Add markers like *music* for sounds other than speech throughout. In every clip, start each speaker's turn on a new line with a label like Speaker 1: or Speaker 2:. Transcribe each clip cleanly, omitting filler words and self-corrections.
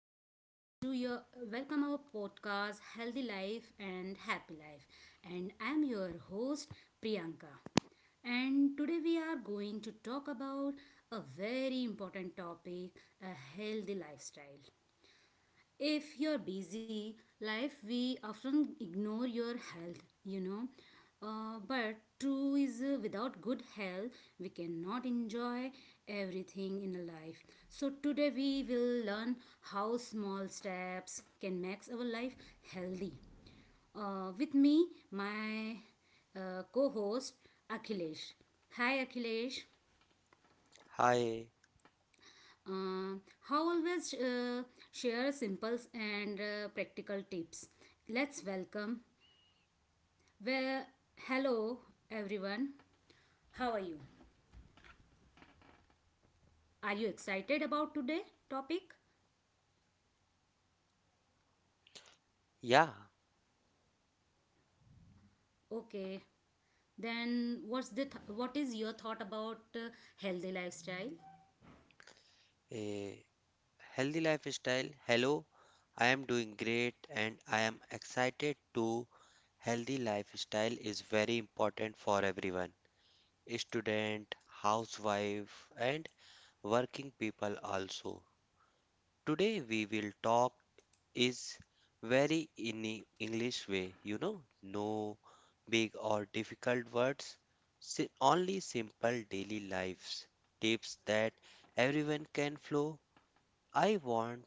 Speaker 1: Welcome to your welcome our podcast Healthy Life and Happy Life. And I'm your host Priyanka. And today we are going to talk about a very important topic, a healthy lifestyle if you're busy life we often ignore your health you know but true is without good health we cannot enjoy everything in life. So today we will learn how small steps can make our life healthy. With me my co-host Akhilesh. Hi Akhilesh.
Speaker 2: Hi,
Speaker 1: uh, how always share simple and practical tips. Let's welcome. Well, hello everyone. How are you? Are you excited about today topic?
Speaker 2: yeah,
Speaker 1: Okay. Then what is your thought about healthy lifestyle?
Speaker 2: a healthy lifestyle. Hello, I am doing great and I am excited to healthy lifestyle is very important for everyone, student, housewife and working people also. Today we will talk is very in English way, you know, no big or difficult words, only simple daily lives tips that everyone can flow. I want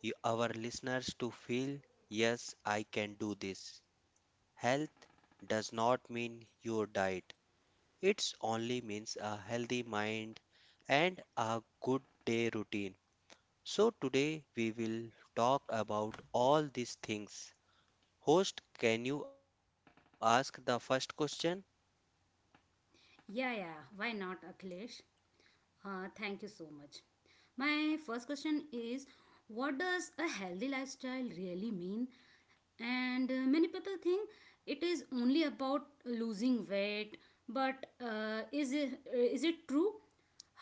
Speaker 2: you, our listeners to feel, yes, I can do this. Health does not mean your diet. It's only means a healthy mind and a good day routine. So today we will talk about all these things. Host, can you ask the first question?
Speaker 1: Yeah, yeah. Why not, Akhilesh? Thank you so much. My first question is, what does a healthy lifestyle really mean? And many people think it is only about losing weight, but is it true?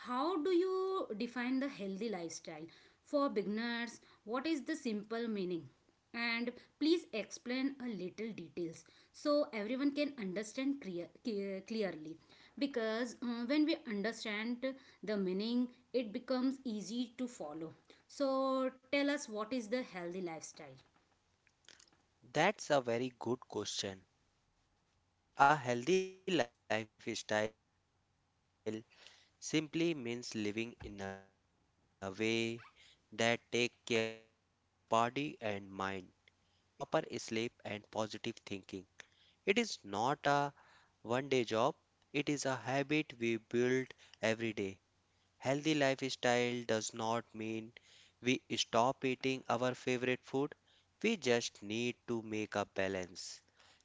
Speaker 1: How do you define the healthy lifestyle? For beginners, what is the simple meaning? And please explain a little details so everyone can understand clearly. Because when we understand the meaning, it becomes easy to follow. So tell us, what is the healthy lifestyle?
Speaker 2: That's a very good question. A healthy lifestyle simply means living in a way that take care of our body and mind. It includes healthy food, some exercise, proper sleep and positive thinking. It is not a one day job, it is a habit we build every day. Healthy lifestyle does not mean we stop eating our favorite food. We just need to make a balance.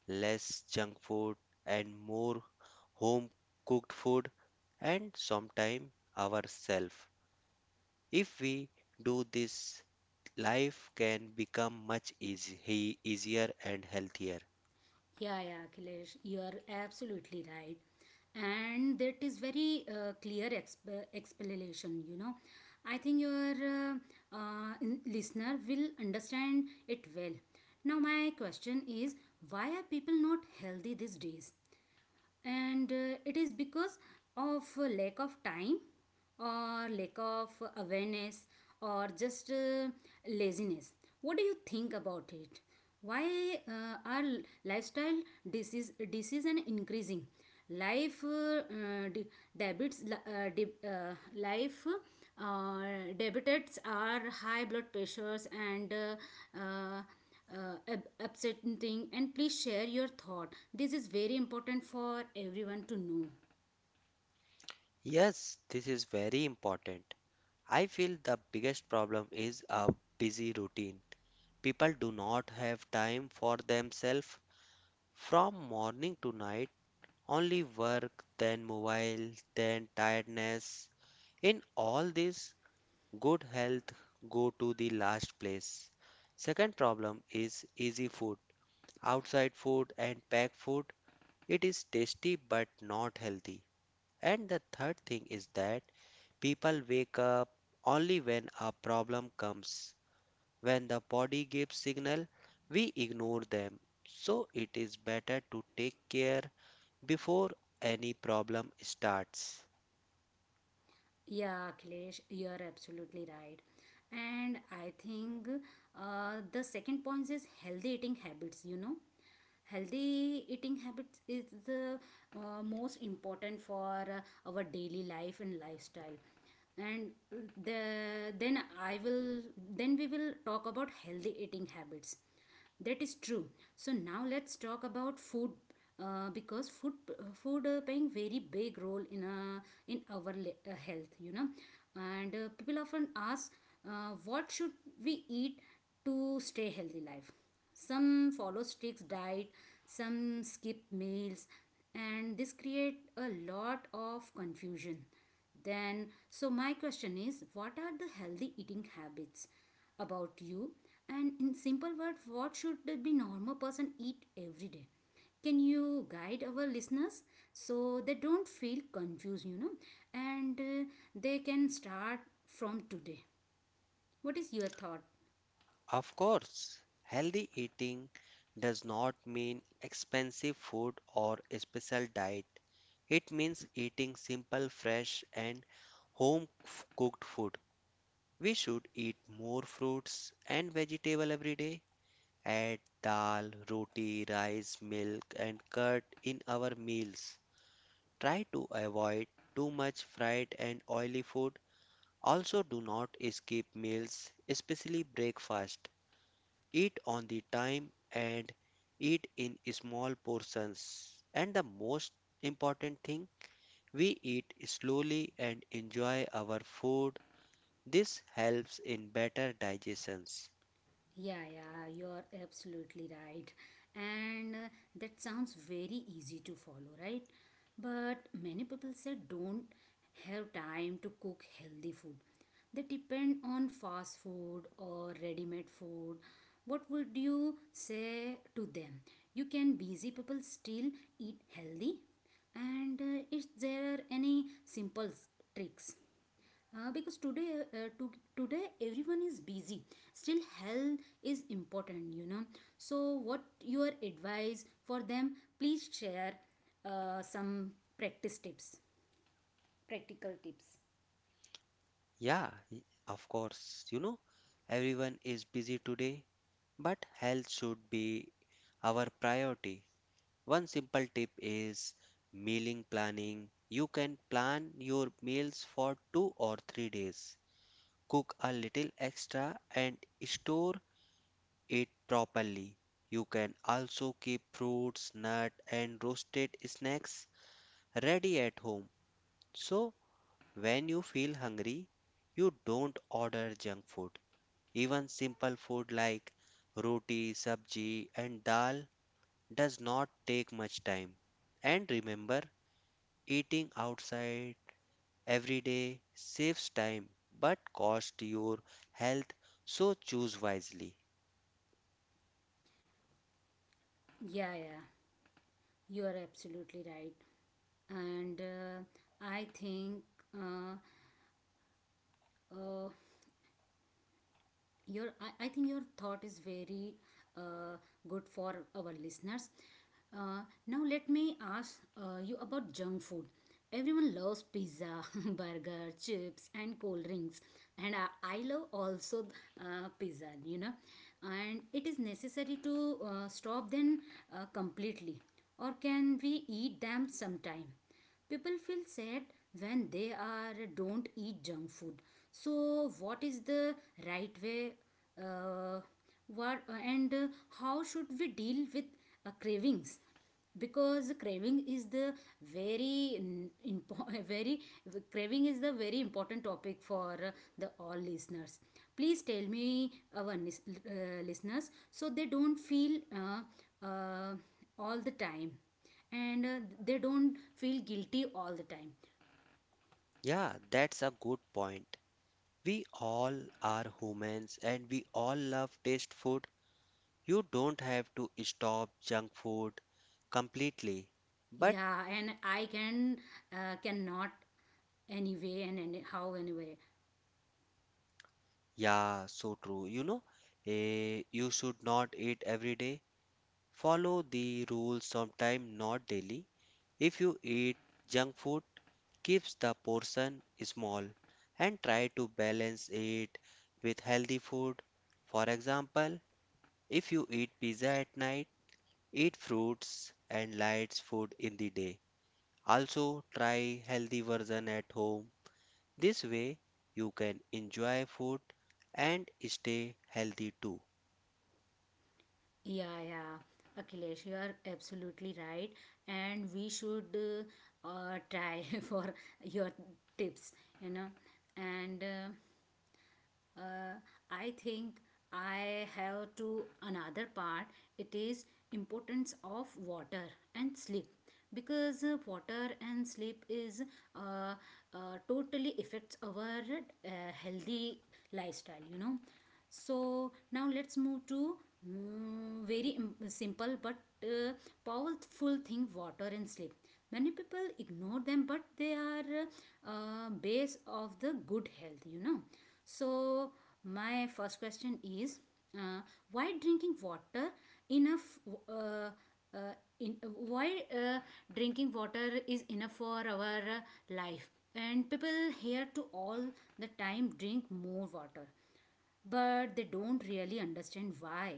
Speaker 2: Less junk food and more home cooked food and sometimes ourselves. If we do this, life can become much easier and healthier.
Speaker 1: Yeah, yeah, Akhilesh, you are absolutely right. And that is very clear explanation, you know. I think your listener will understand it well. Now, my question is, why are people not healthy these days? And it is because of lack of time, or lack of awareness, or just laziness. What do you think about it? Why are lifestyle disease decision increasing? Life debits, life uh, debitors are high blood pressures and upsetting. And please share your thought, this is very important for everyone to know.
Speaker 2: Yes, this is very important. I feel the biggest problem is a busy routine. People do not have time for themselves from morning to night, only work, then mobile, then tiredness. In all this, good health go to the last place. Second problem is easy food. Outside food and packed food, it is tasty but not healthy. And the third thing is that people wake up only when a problem comes. When the body gives signal, we ignore them. So it is better to take care before any problem starts.
Speaker 1: Yeah, Akhilesh, you are absolutely right. And I think the second point is healthy eating habits, you know. Healthy eating habits is the most important for our daily life and lifestyle. And the then i will then we will talk about healthy eating habits, that is true. So now let's talk about food. Because food playing very big role in in our health, you know. And people often ask, what should we eat to stay healthy life? Some follow strict diet, some skip meals, and this create a lot of confusion. Then so my question is, what are the healthy eating habits about you? And in simple words, what should the be normal person eat every day? Can you guide our listeners so they don't feel confused, you know? And they can start from today. What is your thought?
Speaker 2: Of course, healthy eating does not mean expensive food or special diet. It means eating simple, fresh, and home cooked food. We should eat more fruits and vegetable every day. Add dal, roti, rice, milk, and curd in our meals. Try to avoid too much fried and oily food. Also, do not skip meals, especially breakfast. Eat on the time and eat in small portions. And the most important thing, we eat slowly and enjoy our food. This helps in better digestions.
Speaker 1: Yeah, yeah, you're absolutely right. And that sounds very easy to follow, right? But many people said don't have time to cook healthy food. They depend on fast food or ready made food. What would you say to them? You can busy people still eat healthy? And is there any simple tricks? Because uh, to, today everyone is busy, still health is important, you know. So what your advice for them? Please share some practice tips. Practical tips.
Speaker 2: Yeah, of course, you know, everyone is busy today, but health should be our priority. One simple tip is mealing planning. You can plan your meals for 2 or 3 days. Cook a little extra and store it properly. You can also keep fruits, nuts, and roasted snacks ready at home. So when you feel hungry, you don't order junk food. Even simple food like roti, sabji, and dal does not take much time. And remember, eating outside every day saves time but costs your health, so choose wisely.
Speaker 1: Yeah, yeah, you are absolutely right. And i think uh, uh, I think your thought is very uh, good for our listeners. uh, Now let me ask you about junk food. Everyone loves pizza *laughs* burger chips and cold drinks. And I love also pizza, you know. And it is necessary to stop them completely, or can we eat them sometime? People feel sad when they are don't eat junk food. So what is the right way? Uh, what and How should we deal with cravings? Because craving is the very n- impo- *laughs* very craving is the very important topic for the all listeners. Please tell me our listeners so they don't feel all the time. And they don't feel guilty all the time.
Speaker 2: Yeah, that's a good point. We all are humans and we all love taste food. You don't have to stop junk food completely. But
Speaker 1: Yeah, and I can cannot anyway and anyway.
Speaker 2: yeah, so true. You know, you should not eat every day. Follow the rules sometime, not daily. If you eat junk food, keeps the portion small and try to balance it with healthy food. For example, if you eat pizza at night, eat fruits and light food in the day. Also try healthy version at home. This way you can enjoy food and stay healthy too.
Speaker 1: Yeah, yeah, Akhilesh, you are absolutely right. And we should try *laughs* for your tips, you know. And uh, I think I have to another part. It is importance of water and sleep. Because water and sleep is uh, totally affects our healthy lifestyle, you know. So now let's move to simple but uh, powerful thing, water and sleep. Many people ignore them, but they are base of the good health, you know. So, my first question is, uh, why drinking water enough? Uh, why drinking water is enough for our life? And people here to all the time drink more water, but they don't really understand why.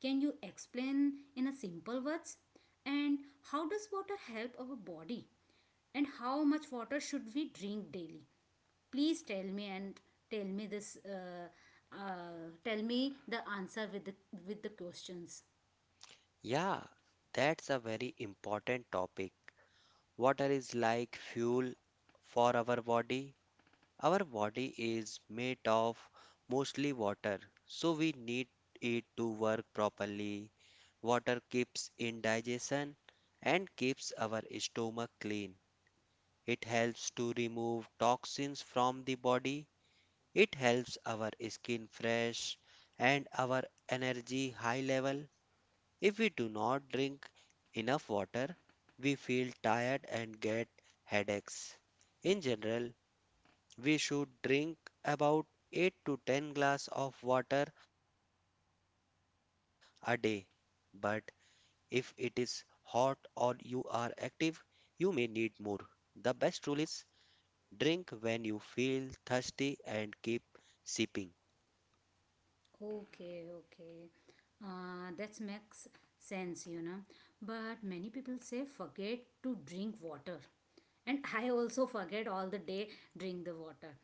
Speaker 1: Can you explain in a simple words? And how does water help our body? And how much water should we drink daily? Please tell me and tell me this. Tell me the answer with the questions.
Speaker 2: Yeah, that's a very important topic. Water is like fuel for our body. Our body is made of mostly water, so we need it to work properly. Water keeps in digestion and keeps our stomach clean. It helps to remove toxins from the body. It helps our skin fresh and our energy high level. If we do not drink enough water, we feel tired and get headaches. In general, we should drink about 8 to 10 glass of water a day. But if it is hot or you are active, you may need more. The best rule is drink when you feel thirsty and keep sipping.
Speaker 1: Okay, okay. That makes sense, you know. But many people say forget to drink water. And *laughs* I also forget all the day drink the water.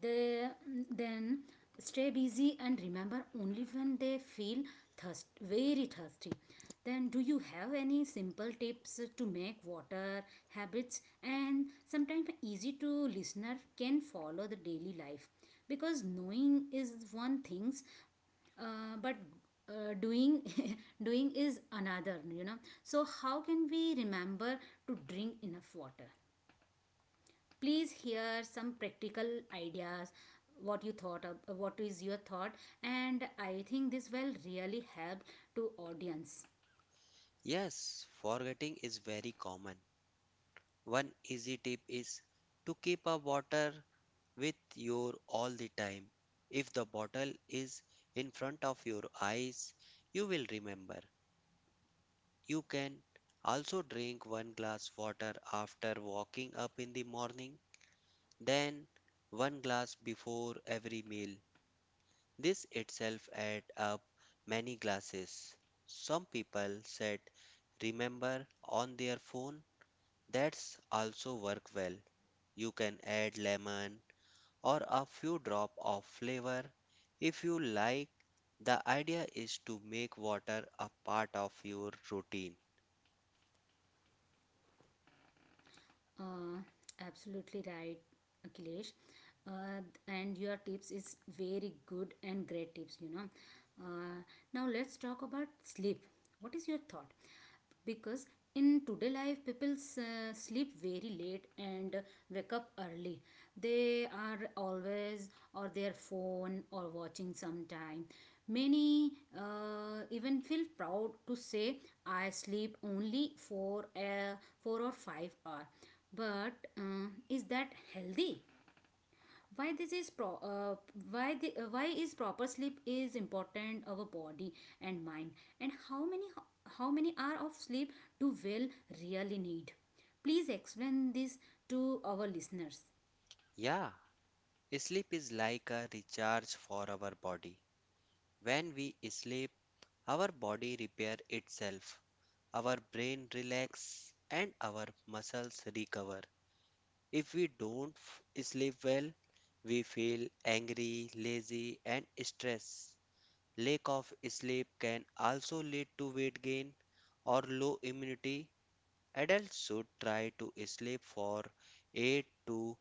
Speaker 1: They then stay busy and remember only when they feel thirst very thirsty. Then do you have any simple tips to make water habits and sometimes easy to listener can follow the daily life? Because knowing is one things, but doing *laughs* doing is another, you know. So how can we remember to drink enough water? Please hear some practical ideas. What is your thought? And I think this will really help to audience.
Speaker 2: Yes, forgetting is very common. One easy tip is to keep a water with you all the time. If the bottle is in front of your eyes, you will remember. You can also drink one glass water after waking up in the morning, then one glass before every meal. This itself adds up many glasses. Some people set remember on their phone. That's also work well. You can add lemon or a few drop of flavor if you like. The idea is to make water a part of your routine.
Speaker 1: Uh, Absolutely right, Akhilesh. Uh, and your tips is very good and great tips. You know. Uh, Now let's talk about sleep. What is your thought? Because in today life, people sleep very late and wake up early. They are always or their phone or watching sometime. Many even feel proud to say I sleep only for 4 or 5 hour, but is that healthy? why this is pro- uh, why is proper sleep is important our body and mind? And how many hour of sleep do well really need? Please explain this to our listeners.
Speaker 2: Yeah, sleep is like a recharge for our body. When we sleep, our body repair itself, our brain relax and our muscles recover. If we don't sleep well, we feel angry, lazy and stressed. Lack of sleep can also lead to weight gain or low immunity. Adults should try to sleep for 8 to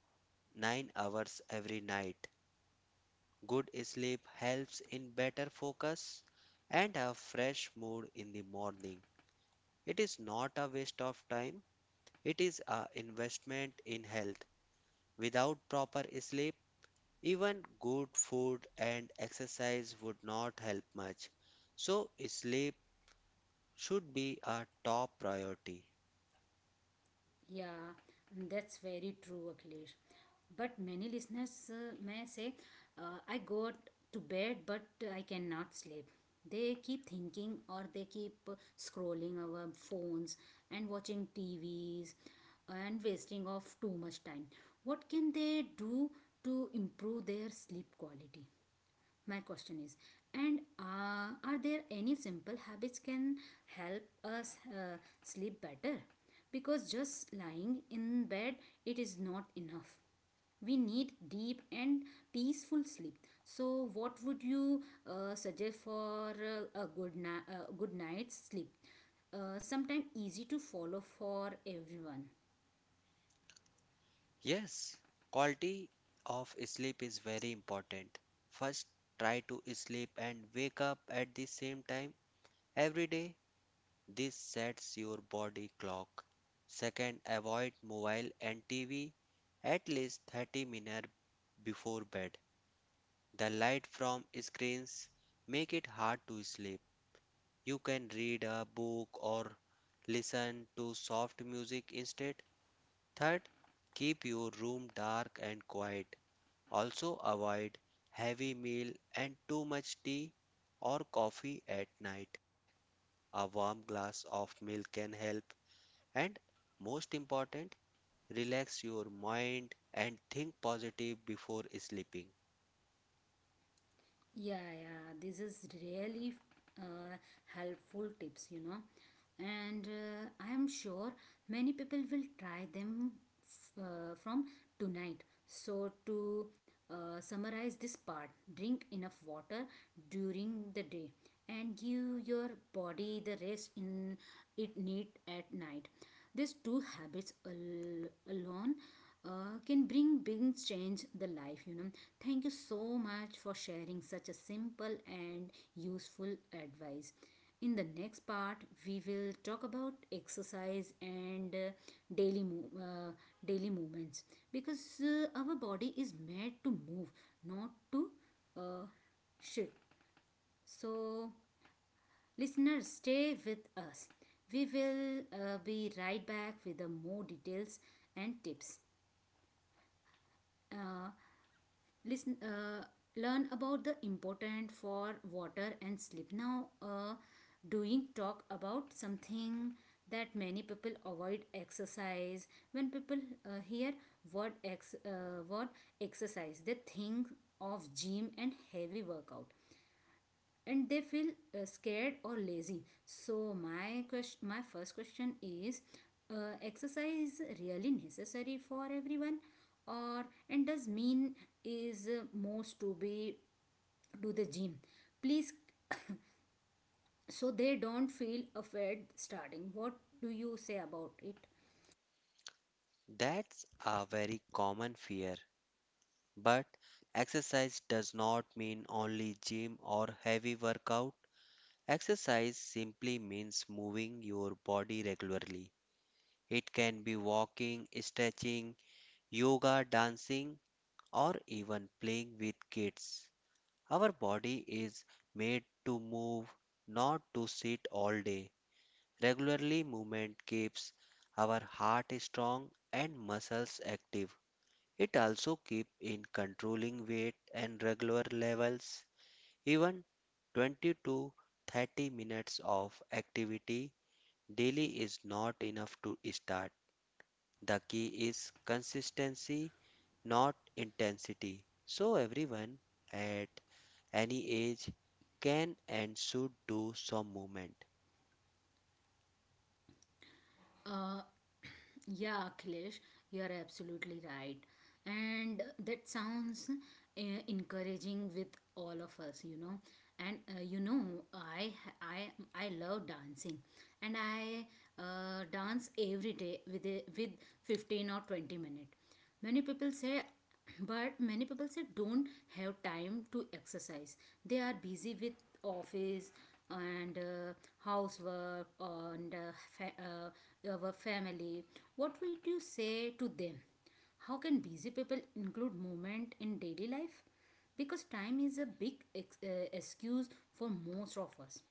Speaker 2: 9 hours every night. Good sleep helps in better focus and a fresh mood in the morning. It is not a waste of time, it is an investment in health. Without proper sleep, even good food and exercise would not help much. So, sleep should be a top priority.
Speaker 1: Yeah, that's very true, Akhilesh. But many listeners may say, I got to bed, but I cannot sleep. They keep thinking, or they keep scrolling our phones and watching T V's and wasting of too much time. What can they do to improve their sleep quality? My question is, and are there any simple habits can help us sleep better? Because just lying in bed, it is not enough. We need deep and peaceful sleep. So what would you suggest for a good night's sleep, sometime easy to follow for everyone?
Speaker 2: Yes, quality of sleep is very important. First, try to sleep and wake up at the same time every day. This sets your body clock. Second, avoid mobile and TV at least 30 minutes before bed. The light from screens make it hard to sleep. You can read a book or listen to soft music instead. Third, keep your room dark and quiet. Also avoid heavy meal and too much tea or coffee at night. A warm glass of milk can help, and most important, relax your mind and think positive before sleeping.
Speaker 1: Yeah, yeah, this is really uh, helpful tips, you know. And I am sure many people will try them from tonight. So, to summarize this part, drink enough water during the day and give your body the rest in it need at night. These two habits alone can bring big change the life, you know. Thank you so much for sharing such a simple and useful advice. In the next part, we will talk about exercise and daily move, uh, daily movements. Because our body is made to move, not to uh, shit. So listeners, stay with us. We will be right back with the more details and tips. Uh, listen Learn about the important for water and sleep. Now doing talk about something that many people avoid, exercise. When people hear word exercise, they think of gym and heavy workout, and they feel scared or lazy. So my question, my first question is, exercise really necessary for everyone? Or and does mean is most to be to the gym? Please, so they don't feel afraid starting. What do you say about it?
Speaker 2: That's a very common fear, but exercise does not mean only gym or heavy workout. Exercise simply means moving your body regularly. It can be walking, stretching, yoga, dancing, or even playing with kids. Our body is made to move, not to sit all day. Regularly movement keeps our heart strong and muscles active. It also keeps in controlling weight and regular levels. Even 20 to 30 minutes of activity daily is not enough to start. The key is consistency, not intensity. So everyone at any age can and should do some movement.
Speaker 1: Uh, *clears throat* yeah, Akhilesh, you are absolutely right. And that sounds uh, encouraging with all of us, you know. And I I love dancing, and I dance every day with with 15 or 20 minutes. Many people say *clears throat* but Many people say don't have time to exercise. They are busy with office and housework and our family. What would you say to them? How can busy people include movement in daily life? Because time is a big excuse for most of us.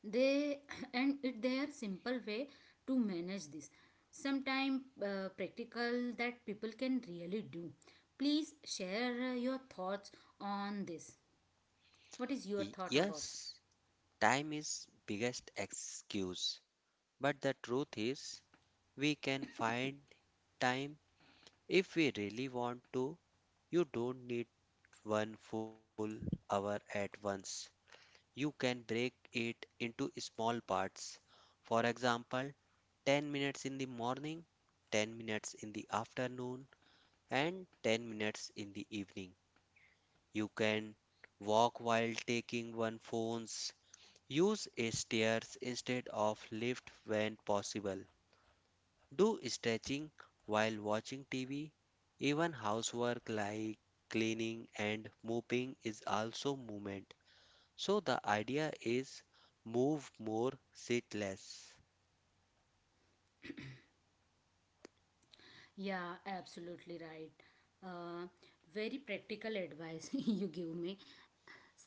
Speaker 1: They *clears throat* and it their simple way to manage this, sometime practical that people can really do. Please share your thoughts on this. What is your thought about?
Speaker 2: Yes. Time is biggest excuse, but the truth is we can find time if we really want to. You don't need one full hour at once. You can break it into small parts. For example, 10 minutes in the morning, 10 minutes in the afternoon, and 10 minutes in the evening. You can walk while taking one phones. Use stairs instead of lift when possible. Do stretching while watching TV. Even housework like cleaning and mopping is also movement. So the idea is move more, sit less.
Speaker 1: Yeah, absolutely right. uh, Very practical advice, *laughs* you give me.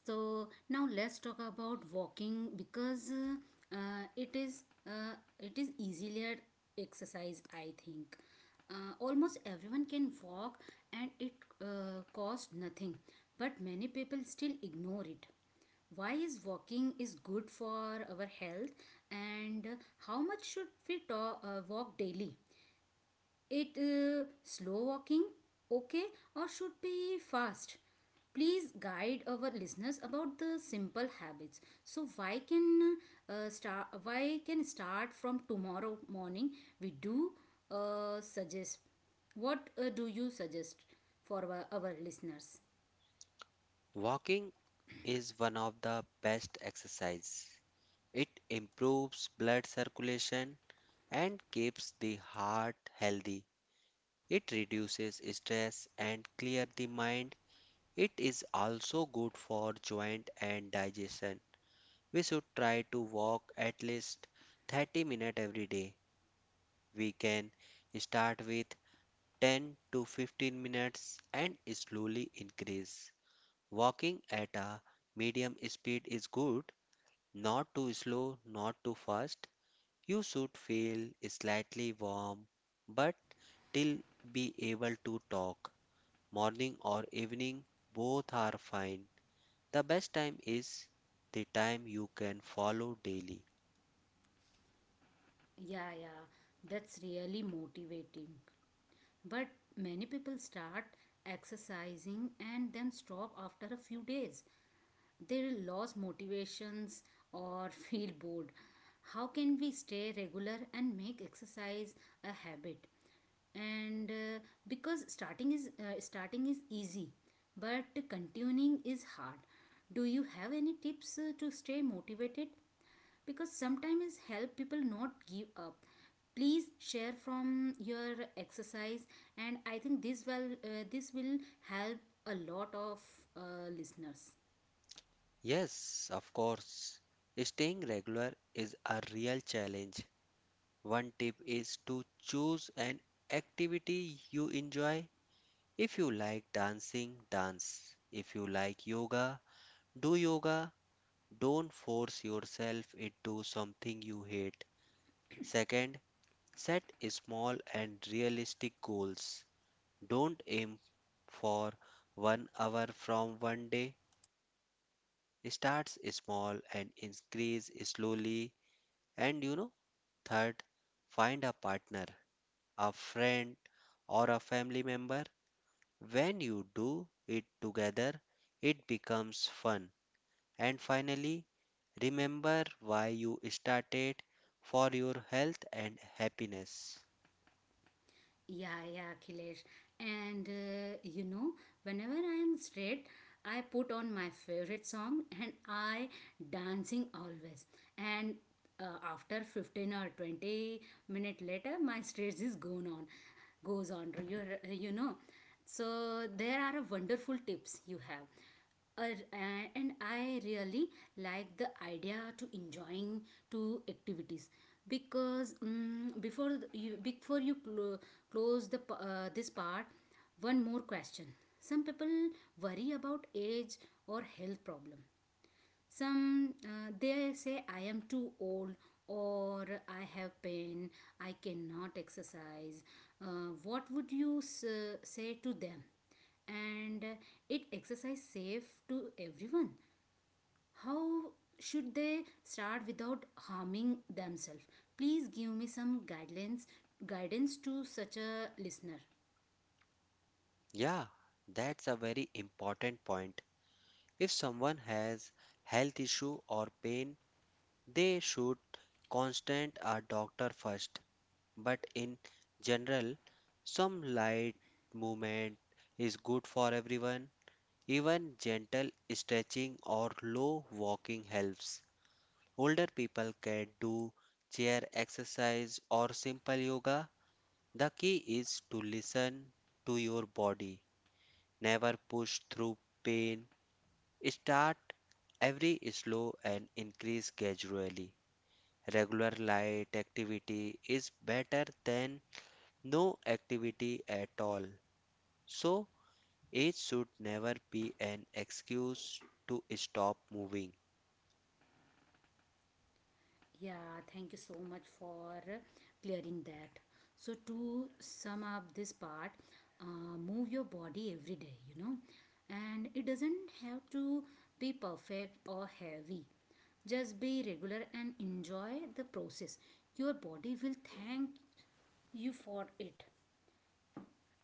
Speaker 1: So now let's talk about walking, because it is easier exercise, I think. Almost everyone can walk, and it costs nothing, but many people still ignore it. Why is walking is good for our health, and how much should we walk daily? It slow walking, okay, or should be fast? Please guide our listeners about the simple habits so why can start, why can start from tomorrow morning. We do suggest, what do you suggest for our listeners?
Speaker 2: Walking is one of the best exercise. It improves blood circulation and keeps the heart healthy. It reduces stress and clear the mind. It is also good for joint and digestion. We should try to walk at least 30 minutes every day. We can start with 10 to 15 minutes and slowly increase. Walking at a medium speed is good, not too slow, not too fast. You should feel slightly warm but still be able to talk. Morning or evening, both are fine. The best time is the time you can follow daily.
Speaker 1: Yeah, yeah, that's really motivating, but many people start exercising and then stop after a few days. They lose motivations or *laughs* feel bored. How can we stay regular and make exercise a habit? And because starting is easy, but continuing is hard. Do you have any tips to stay motivated? Because sometimes help people not give up. Please share from your exercise, and I think this will help a lot of listeners.
Speaker 2: Yes, of course. Staying regular is a real challenge. One tip is to choose an activity you enjoy. If you like dancing, dance. If you like yoga, do yoga. Don't force yourself into something you hate. Second, set small and realistic goals. Don't aim for one hour from one day. Starts small and increase slowly. And you know, third, find a partner, a friend, or a family member. When you do it together, it becomes fun. And finally, remember why you started for your health and happiness.
Speaker 1: Yeah, yeah, Akhilesh. And whenever I am straight, I put on my favorite song and I dancing always. And uh, after 15 or 20 minute later, my stress is gone on, goes on. You know, so there are a wonderful tips you have. Ar- and I really like the idea to enjoying to activities, because before you close this part, one more question. Some people worry about age or health problem. Some they say I am too old or I have pain, I cannot exercise. What would you say to them? And it exercise safe to everyone? How should they start without harming themselves? Please give me some guidelines guidance to such a listener.
Speaker 2: Yeah, that's a very important point. If someone has health issue or pain, they should consult a doctor first. But in general, some light movement is good for everyone. Even gentle stretching or low walking helps. Older people can do chair exercise or simple yoga. The key is to listen to your body. Never push through pain. Start every slow and increase gradually. Regular light activity is better than no activity at all. So, age should never be an excuse to stop moving.
Speaker 1: Yeah, thank you so much for clearing that. So, to sum up this part, move your body every day, you know, and it doesn't have to be perfect or heavy. Just be regular and enjoy the process. Your body will thank you for it.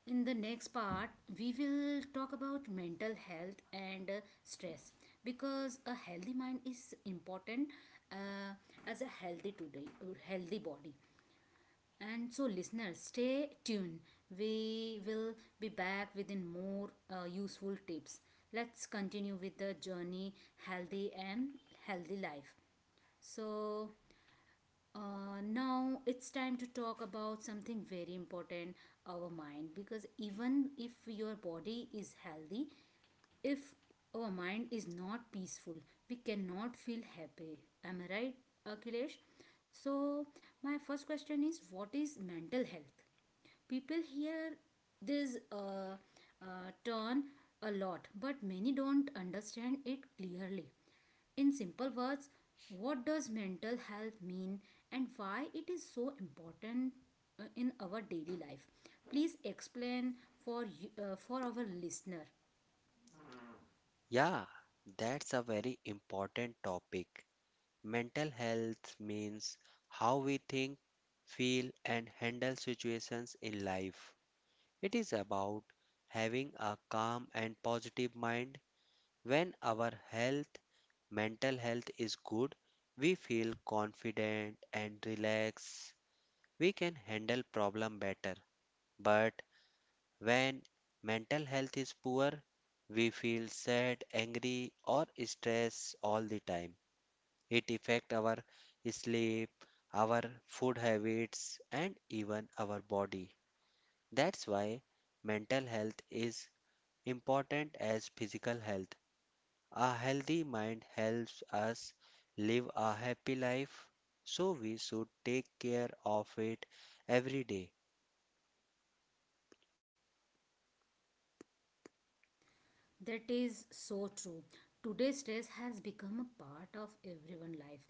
Speaker 1: In the next part, we will talk about mental health and stress, because a healthy mind is important uh, as a healthy body. And so, listeners, stay tuned. We will be back within more useful tips. Let's continue with the journey healthy and healthy life. So, now it's time to talk about something very important, our mind, because even if your body is healthy, if our mind is not peaceful, we cannot feel happy. Am I right, Akhilesh? So my first question is, what is mental health? People hear this turn a lot, but many don't understand it clearly. In simple words, what does mental health mean and why it is so important in our daily life? Please explain for you, for our listener.
Speaker 2: Yeah, that's a very important topic. Mental health means how we think, feel, and handle situations in life. It is about having a calm and positive mind. When our health, mental health is good, we feel confident and relaxed. We can handle problem better, but when mental health is poor, we feel sad, angry or stressed all the time. It affect our sleep, our food habits, and even our body. That's why mental health is important as physical health. A healthy mind helps us live a happy life, so we should take care of it every day.
Speaker 1: That is so true. Today, stress has become a part of everyone's life.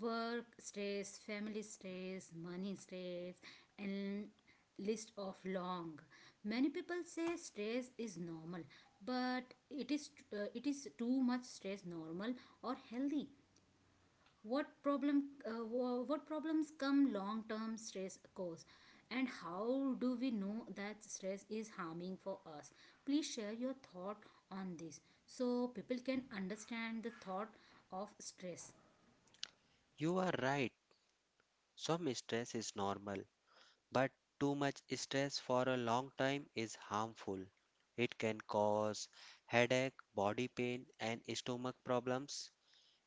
Speaker 1: Work stress, family stress, money stress, and list of long. Many people say stress is normal, but it is too much stress normal or healthy? What what problems come long term stress cause, and how do we know that stress is harming for us? Please share your thought on this so people can understand the thought of stress.
Speaker 2: You are right. Some stress is normal, but too much stress for a long time is harmful. It can cause headache, body pain, and stomach problems.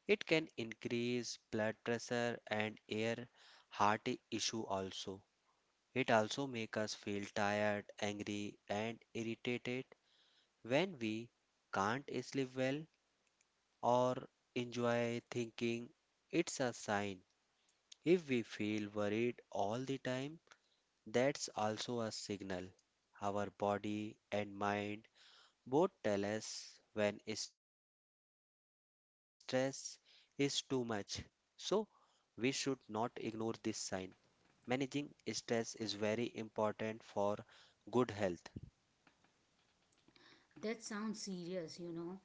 Speaker 2: It can increase blood pressure and air heart issue also. It also make us feel tired, angry, and irritated when we can't sleep well or enjoy thinking. It's a sign. If we feel worried all the time, that's also a signal. Our body and mind both tell us when stress is too much. So, we should not ignore this sign. Managing stress is very important for good health.
Speaker 1: That sounds serious, you know.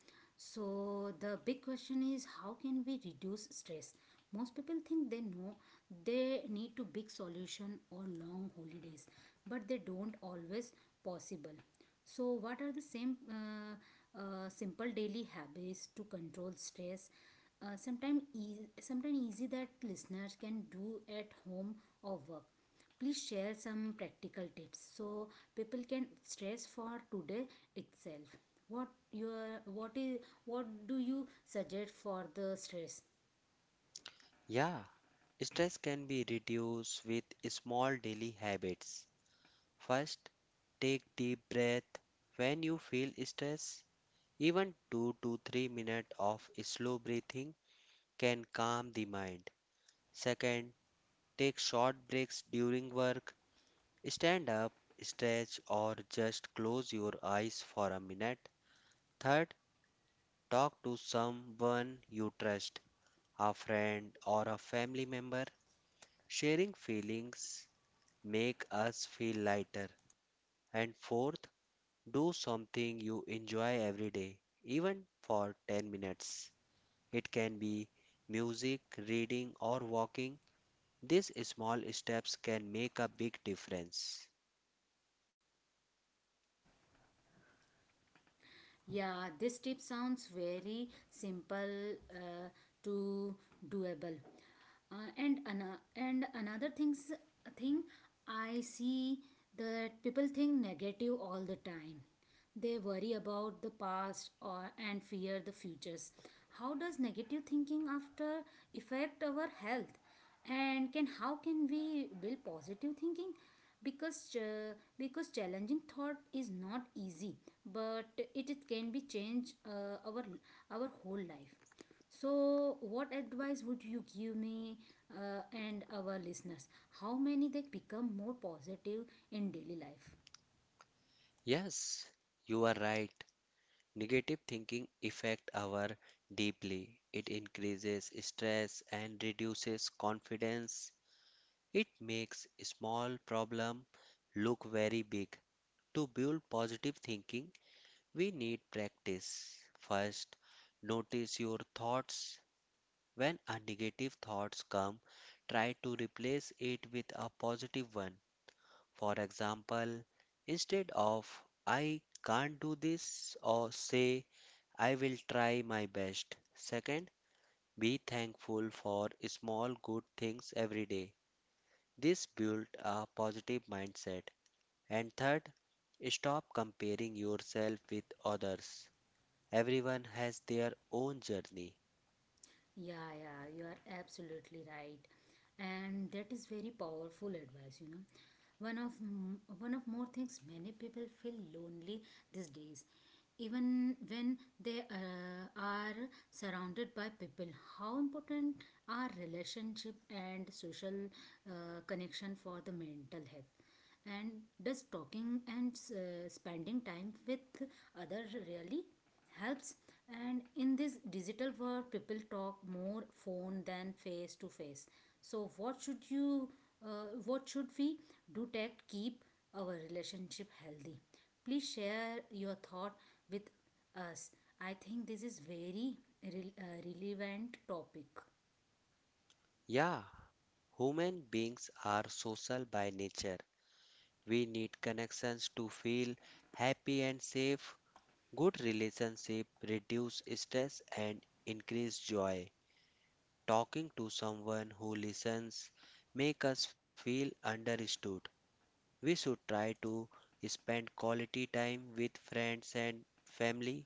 Speaker 1: So the big question is, how can we reduce stress? Most people think they know they need to big solution or long holidays, but they don't always possible. So what are the same simple daily habits to control stress? Sometimes easy that listeners can do at home or work. Please share some practical tips so people can stress for today itself. What your what is, what do you suggest for the stress?
Speaker 2: Yeah, stress can be reduced with small daily habits. First, take deep breath when you feel stress. Even 2 to 3 minutes of slow breathing can calm the mind. Second, take short breaks during work. Stand up, stretch, or just close your eyes for a minute. Third, talk to someone you trust, a friend or a family member. Sharing feelings make us feel lighter. And fourth, do something you enjoy every day, even for 10 minutes. It can be music, reading, or walking. These small steps can make a big difference.
Speaker 1: Yeah, this tip sounds very simple to doable. And and another thing I see, that people think negative all the time. They worry about the past or and fear the futures. How does negative thinking after affect our health? And can how can we build positive thinking, because uh, because challenging thought is not easy, but it can be change our whole life. So what advice would you give me and our listeners, how many they become more positive in daily life?
Speaker 2: Yes, you are right. Negative thinking affect our deeply. It increases stress and reduces confidence. It makes small problem look very big. To build positive thinking, we need practice. First, notice your thoughts. When a negative thoughts come, try to replace it with a positive one. For example, instead of I can't do this, or say I will try my best. Second, be thankful for small good things every day. This builds a positive mindset. And third, stop comparing yourself with others. Everyone has their own journey.
Speaker 1: Yeah, yeah, you are absolutely right, and that is very powerful advice, you know. One of more things, many people feel lonely these days, even when they are surrounded by people. How important are relationship and social connection for the mental health? And does talking and spending time with other really helps? And in this digital world people talk more phone than face to face. So what should you what should we do to keep our relationship healthy? Please share your thought with us. I think this is very relevant topic.
Speaker 2: Yeah, human beings are social by nature. We need connections to feel happy and safe. Good relationship reduce stress and increase joy. Talking to someone who listens make us feel understood. We should try to spend quality time with friends and family.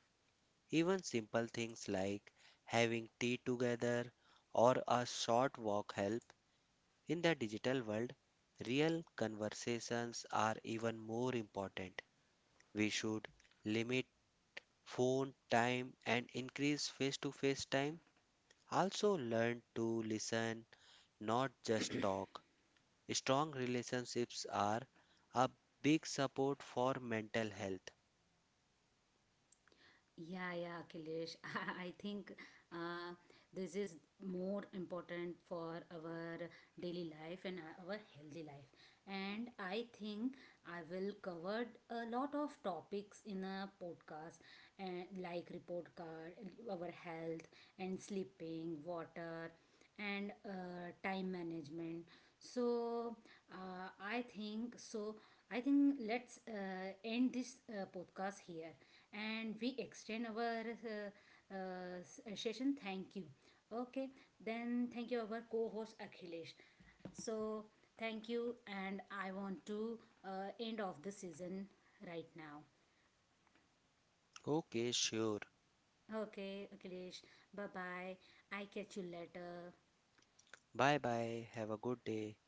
Speaker 2: Even simple things like having tea together or a short walk help. In the digital world, real conversations are even more important. We should limit phone time and increase face to face time. Also, learn to listen, not just talk. Strong relationships are a big support for mental health.
Speaker 1: Yeah, yeah, Akhilesh. *laughs* I think uh, this is more important for our daily life and our healthy life. And I think I will cover a lot of topics in a podcast, like report card, our health, and sleeping, water and time management. So uh, i think so I think let's end this podcast here, and we extend our session. Thank you. Okay, then thank you our co-host Akhilesh. So thank you, and I want to end of the season right now.
Speaker 2: Okay, sure.
Speaker 1: Okay, Akhilesh, bye bye. I catch you later.
Speaker 2: Bye bye. Have a good day.